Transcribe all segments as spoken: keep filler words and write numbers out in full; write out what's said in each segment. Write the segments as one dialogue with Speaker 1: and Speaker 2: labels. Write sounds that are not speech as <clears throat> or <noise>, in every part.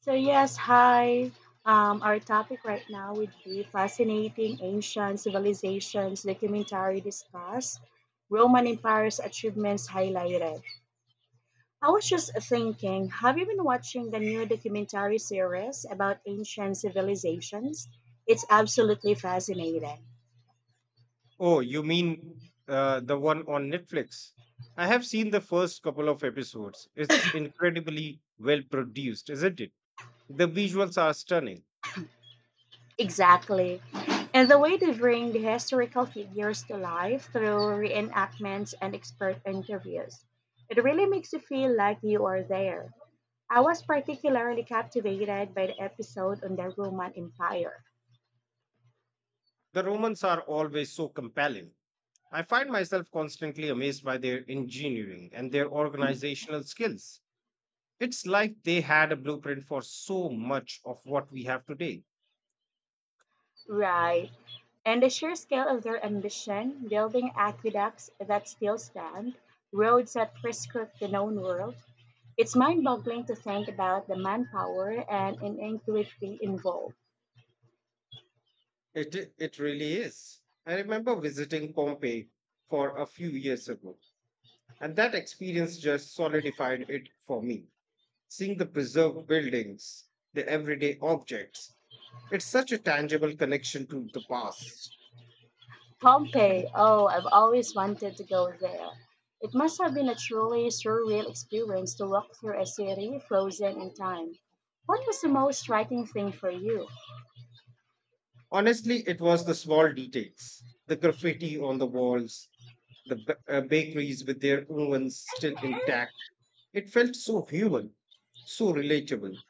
Speaker 1: So yes, hi. Um, our topic right now would be fascinating ancient civilizations documentary discussed, Roman Empire's achievements highlighted. I was just thinking, have you been watching the new documentary series about ancient civilizations? It's absolutely fascinating.
Speaker 2: Oh, you mean uh, the one on Netflix? I have seen the first couple of episodes. It's incredibly well produced, isn't it? The visuals are stunning.
Speaker 1: Exactly. And the way they bring the historical figures to life through reenactments and expert interviews. It really makes you feel like you are there. I was particularly captivated by the episode on the Roman Empire.
Speaker 2: The Romans are always so compelling. I find myself constantly amazed by their engineering and their organizational skills. It's like they had a blueprint for so much of what we have today.
Speaker 1: Right. And the sheer scale of their ambition, building aqueducts that still stand, roads that prescript the known world. It's mind boggling to think about the manpower and ingenuity involved.
Speaker 2: It, it really is. I remember visiting Pompeii for a few years ago. And that experience just solidified it for me. Seeing the preserved buildings, the everyday objects, it's such a tangible connection to the past.
Speaker 1: Pompeii, oh, I've always wanted to go there. It must have been a truly surreal experience to walk through a city frozen in time. What was the most striking thing for you?
Speaker 2: Honestly, it was the small details, the graffiti on the walls, the ba- uh, bakeries with their ovens still intact. It felt so human, so relatable.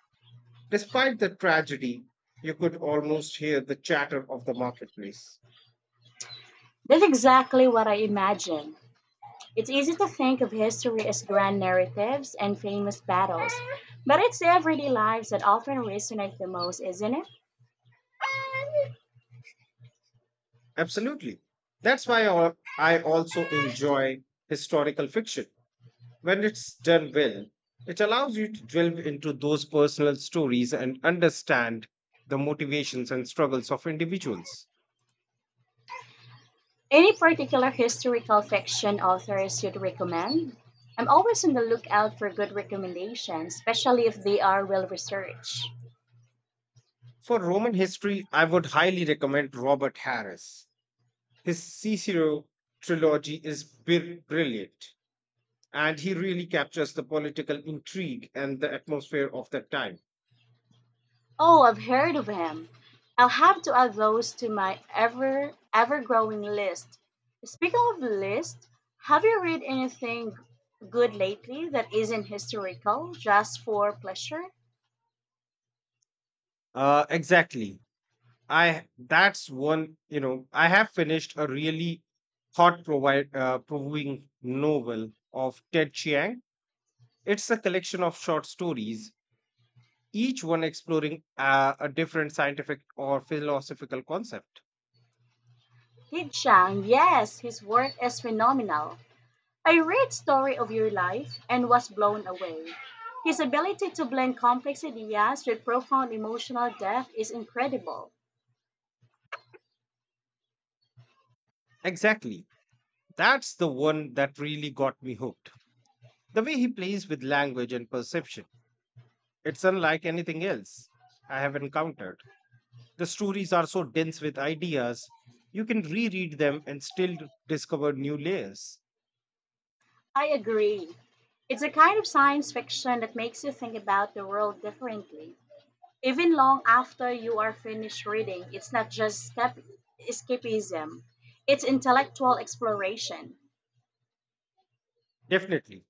Speaker 2: Despite the tragedy, you could almost hear the chatter of the marketplace.
Speaker 1: That's exactly what I imagine. It's easy to think of history as grand narratives and famous battles, but it's everyday lives that often resonate the most, isn't it?
Speaker 2: Absolutely. That's why al- I also enjoy historical fiction. When it's done well, it allows you to delve into those personal stories and understand the motivations and struggles of individuals.
Speaker 1: Any particular historical fiction authors you'd recommend? I'm always on the lookout for good recommendations, especially if they are well researched.
Speaker 2: For Roman history, I would highly recommend Robert Harris. His Cicero trilogy is bir- brilliant, and he really captures the political intrigue and the atmosphere of that time.
Speaker 1: Oh, I've heard of him. I'll have to add those to my ever ever growing list. Speaking of list, have you read anything good lately that isn't historical, just for pleasure?
Speaker 2: Uh, exactly. I that's one, you know, I have finished a really thought provide uh, provoking novel of Ted Chiang. It's a collection of short stories, each one exploring uh, a different scientific or philosophical concept.
Speaker 1: Li Chang, yes, his work is phenomenal. I read Story of Your Life and was blown away. His ability to blend complex ideas with profound emotional depth is incredible.
Speaker 2: Exactly. That's the one that really got me hooked. The way he plays with language and perception. It's unlike anything else I have encountered. The stories are so dense with ideas, you can reread them and still discover new layers.
Speaker 1: I agree. It's a kind of science fiction that makes you think about the world differently. Even long after you are finished reading, it's not just escap- escapism, it's intellectual exploration.
Speaker 2: Definitely.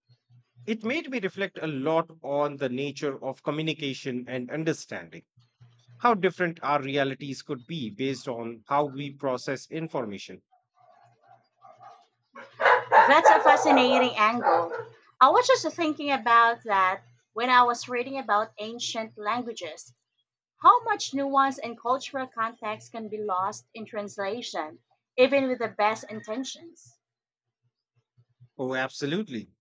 Speaker 2: It made me reflect a lot on the nature of communication and understanding, how different our realities could be based on how we process information.
Speaker 1: That's a fascinating angle. I was just thinking about that when I was reading about ancient languages. How much nuance and cultural context can be lost in translation, even with the best intentions?
Speaker 2: Oh, absolutely.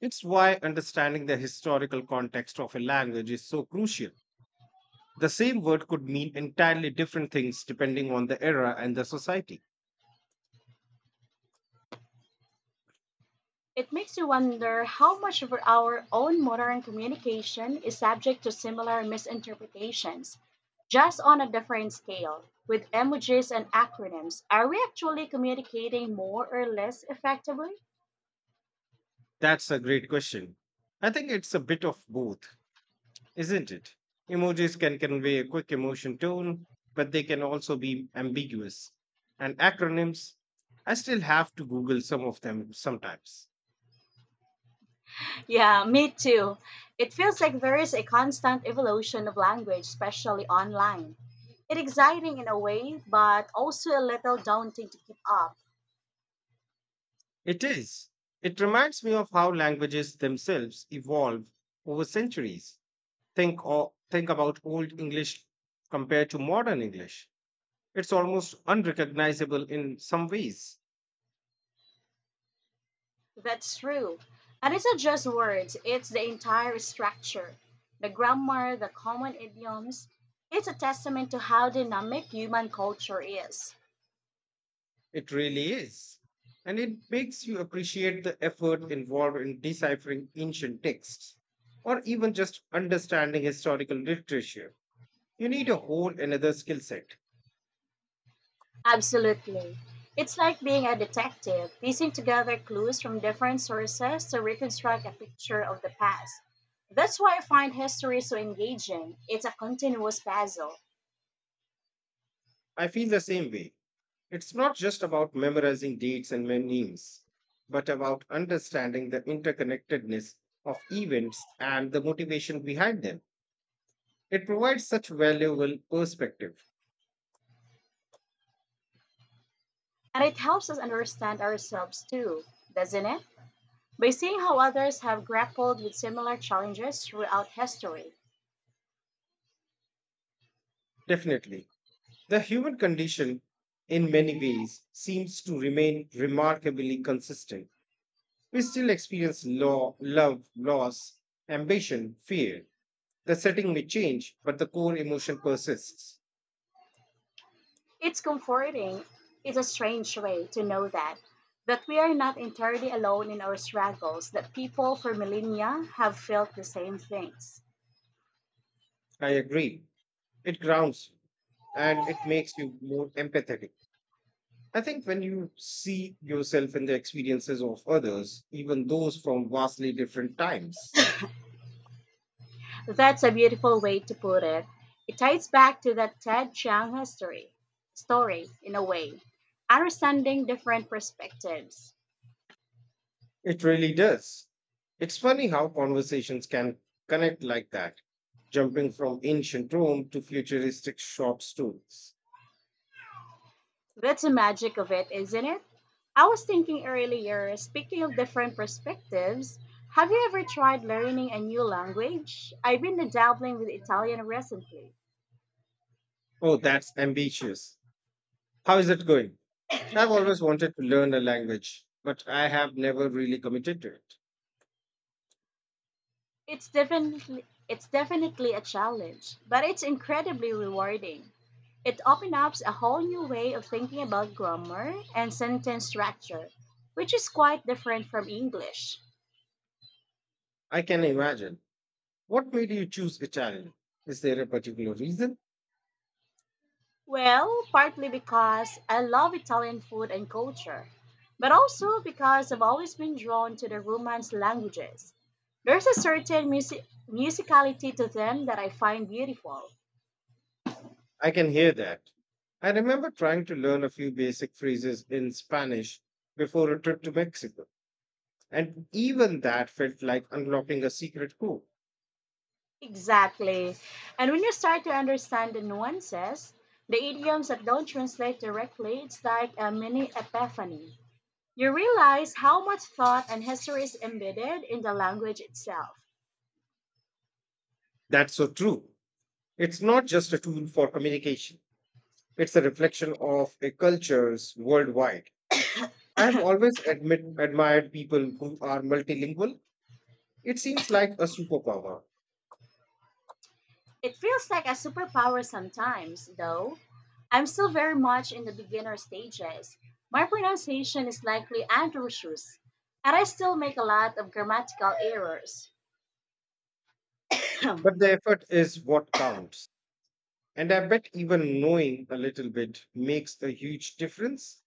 Speaker 2: It's why understanding the historical context of a language is so crucial. The same word could mean entirely different things depending on the era and the society.
Speaker 1: It makes you wonder how much of our own modern communication is subject to similar misinterpretations, just on a different scale. With emojis and acronyms, are we actually communicating more or less effectively?
Speaker 2: That's a great question. I think it's a bit of both, isn't it? Emojis can convey a quick emotion tone, but they can also be ambiguous. And acronyms, I still have to Google some of them sometimes.
Speaker 1: Yeah, me too. It feels like there is a constant evolution of language, especially online. It's exciting in a way, but also a little daunting to keep up.
Speaker 2: It is. It reminds me of how languages themselves evolve over centuries. Think or think about old English compared to modern English. It's almost unrecognizable in some ways.
Speaker 1: That's true. And it's not just words, it's the entire structure, the grammar, the common idioms. It's a testament to how dynamic human culture is.
Speaker 2: It really is. And it makes you appreciate the effort involved in deciphering ancient texts or even just understanding historical literature. You need a whole another skill set.
Speaker 1: Absolutely. It's like being a detective, piecing together clues from different sources to reconstruct a picture of the past. That's why I find history so engaging. It's a continuous puzzle.
Speaker 2: I feel the same way. It's not just about memorizing dates and names, but about understanding the interconnectedness of events and the motivation behind them. It provides such valuable perspective.
Speaker 1: And it helps us understand ourselves too, doesn't it? By seeing how others have grappled with similar challenges throughout history,
Speaker 2: Definitely. The human condition, in many ways, seems to remain remarkably consistent. We still experience law, love, loss, ambition, fear. The setting may change, but the core emotion persists.
Speaker 1: it's comforting in a strange way to know that that we are not entirely alone in our struggles, that people for millennia have felt the same things.
Speaker 2: I agree. It grounds you and it makes you more empathetic. I think when you see yourself in the experiences of others, even those from vastly different times,
Speaker 1: That's a beautiful way to put it. It ties back to that Ted Chiang history story in a way, understanding different perspectives.
Speaker 2: it really does. It's funny how conversations can connect like that, jumping from ancient Rome to futuristic shop stools.
Speaker 1: That's the magic of it, isn't it? I was thinking earlier, speaking of different perspectives, have you ever tried learning a new language? I've been dabbling with Italian recently.
Speaker 2: Oh, that's ambitious. How is it going? I've always wanted to learn a language, but I have never really committed to it.
Speaker 1: It's definitely it's definitely a challenge, but it's incredibly rewarding. It opens up a whole new way of thinking about grammar and sentence structure, which is quite different from English.
Speaker 2: I can imagine. What made you choose Italian? Is there a particular reason?
Speaker 1: Well, partly because I love Italian food and culture, but also because I've always been drawn to the Romance languages. There's a certain music- musicality to them that I find beautiful.
Speaker 2: I can hear that. I remember trying to learn a few basic phrases in Spanish before a trip to Mexico, and even that felt like unlocking a secret code.
Speaker 1: Exactly. And when you start to understand the nuances, the idioms that don't translate directly, it's like a mini epiphany. You realize how much thought and history is embedded in the language itself.
Speaker 2: That's so true. It's not just a tool for communication, it's a reflection of a culture's worldwide. I have always admit, admired people who are multilingual. It seems like a superpower,
Speaker 1: It feels like a superpower sometimes, though. I'm still very much in the beginner stages. My pronunciation is likely atrocious, and I still make a lot of grammatical errors. <clears throat> It
Speaker 2: but the effort is what counts. And I bet even knowing a little bit makes a huge difference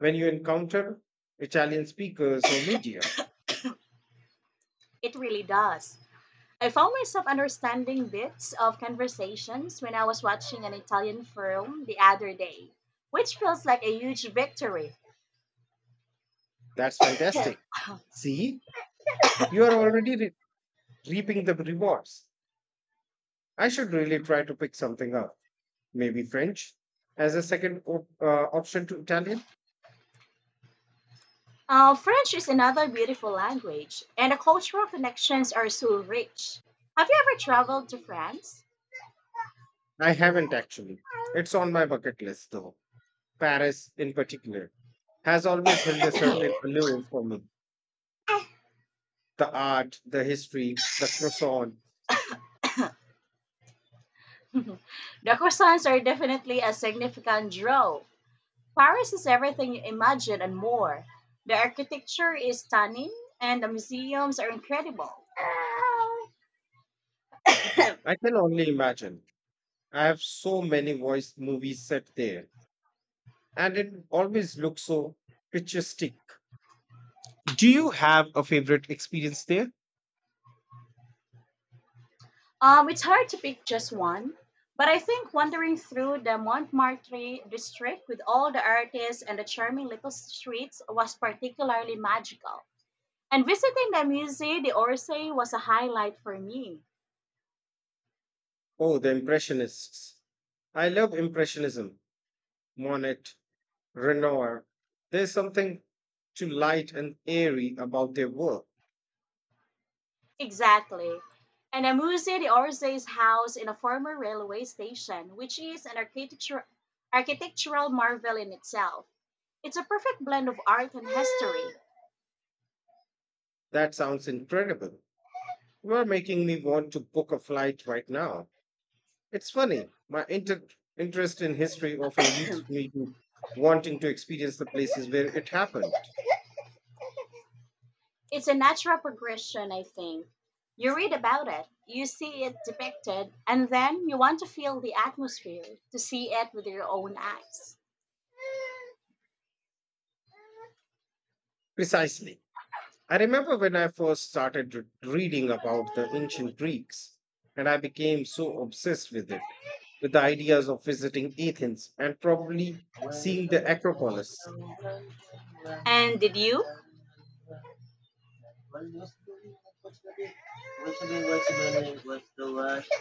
Speaker 2: when you encounter Italian speakers or media.
Speaker 1: really does. I found myself understanding bits of conversations when I was watching an Italian film the other day, which feels like a huge victory.
Speaker 2: That's fantastic.
Speaker 1: <clears throat>
Speaker 2: See, you are already re- reaping the rewards. I should really try to pick something up. Maybe French as a second op- uh, option to Italian.
Speaker 1: Uh, French is another beautiful language, and the cultural connections are so rich. Have you ever traveled to France?
Speaker 2: I haven't actually. It's on my bucket list though. Paris, in particular, has always
Speaker 1: <coughs>
Speaker 2: held a
Speaker 1: The
Speaker 2: certain allure for me. The art, the history, the croissant.
Speaker 1: croissants are definitely a significant draw. Paris is everything you imagine and more. The architecture is stunning, and the museums are incredible.
Speaker 2: I can only imagine. I have so many voice movies set there and it always looks so picturesque. Do you have a favorite experience there?
Speaker 1: Um, it's hard to pick just one, but I think wandering through the Montmartre district with all the artists and the charming little streets was particularly magical. And visiting the Musée d'Orsay was a highlight for me.
Speaker 2: Oh, the Impressionists. I love Impressionism, Monet, Renoir. There's something to light and airy about their work.
Speaker 1: Exactly. And the Musée d'Orsay is housed in a former railway station, which is an architecture, architectural marvel in itself. It's a perfect blend of art and history.
Speaker 2: That sounds incredible. You are making me want to book a flight right now. It's funny, my inter- interest in history often leads me to wanting to experience the places where it happened.
Speaker 1: It's a natural progression, I think. You read about it, you see it depicted, and then you want to feel the atmosphere, to see it with your own eyes.
Speaker 2: Precisely. I remember when I first started re- reading about the ancient Greeks, and I became so obsessed with it, with the ideas of visiting Athens and probably seeing the Acropolis.
Speaker 1: And did you?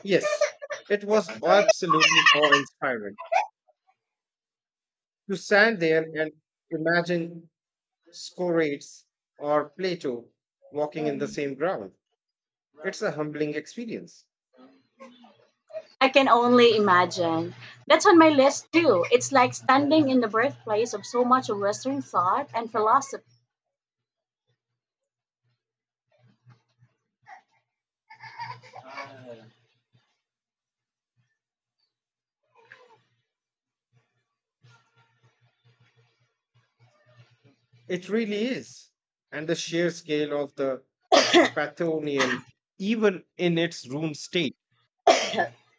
Speaker 2: Yes, it was absolutely awe inspiring to stand there and imagine Scorates or Plato walking in the same ground. It's a humbling experience.
Speaker 1: I can only imagine. That's on my list too. It's like standing in the birthplace of so much of Western thought and philosophy.
Speaker 2: It really is. And the sheer scale of the Pantheon, even in its room state,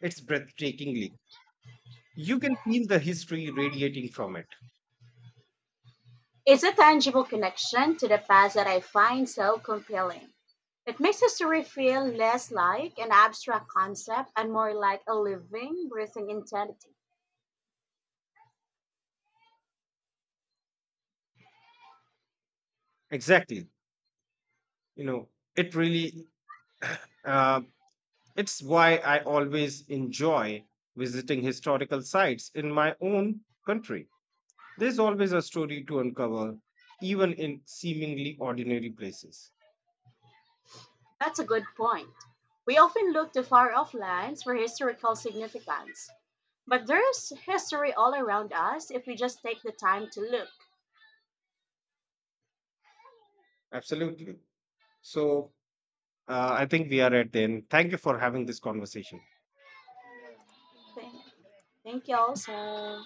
Speaker 2: it's breathtakingly. You can feel the history radiating from it.
Speaker 1: It's a tangible connection to the past that I find so compelling. It makes history feel less like an abstract concept and more like a living, breathing entity.
Speaker 2: Exactly. You know, it really, uh, it's why I always enjoy visiting historical sites in my own country. There's always a story to uncover, even in seemingly ordinary places.
Speaker 1: That's a good point. We often look to far off lands for historical significance, but there's history all around us if we just take the time to look.
Speaker 2: Absolutely. So, Uh, I think we are at the end. Thank you for having this conversation.
Speaker 1: Thank thank you all so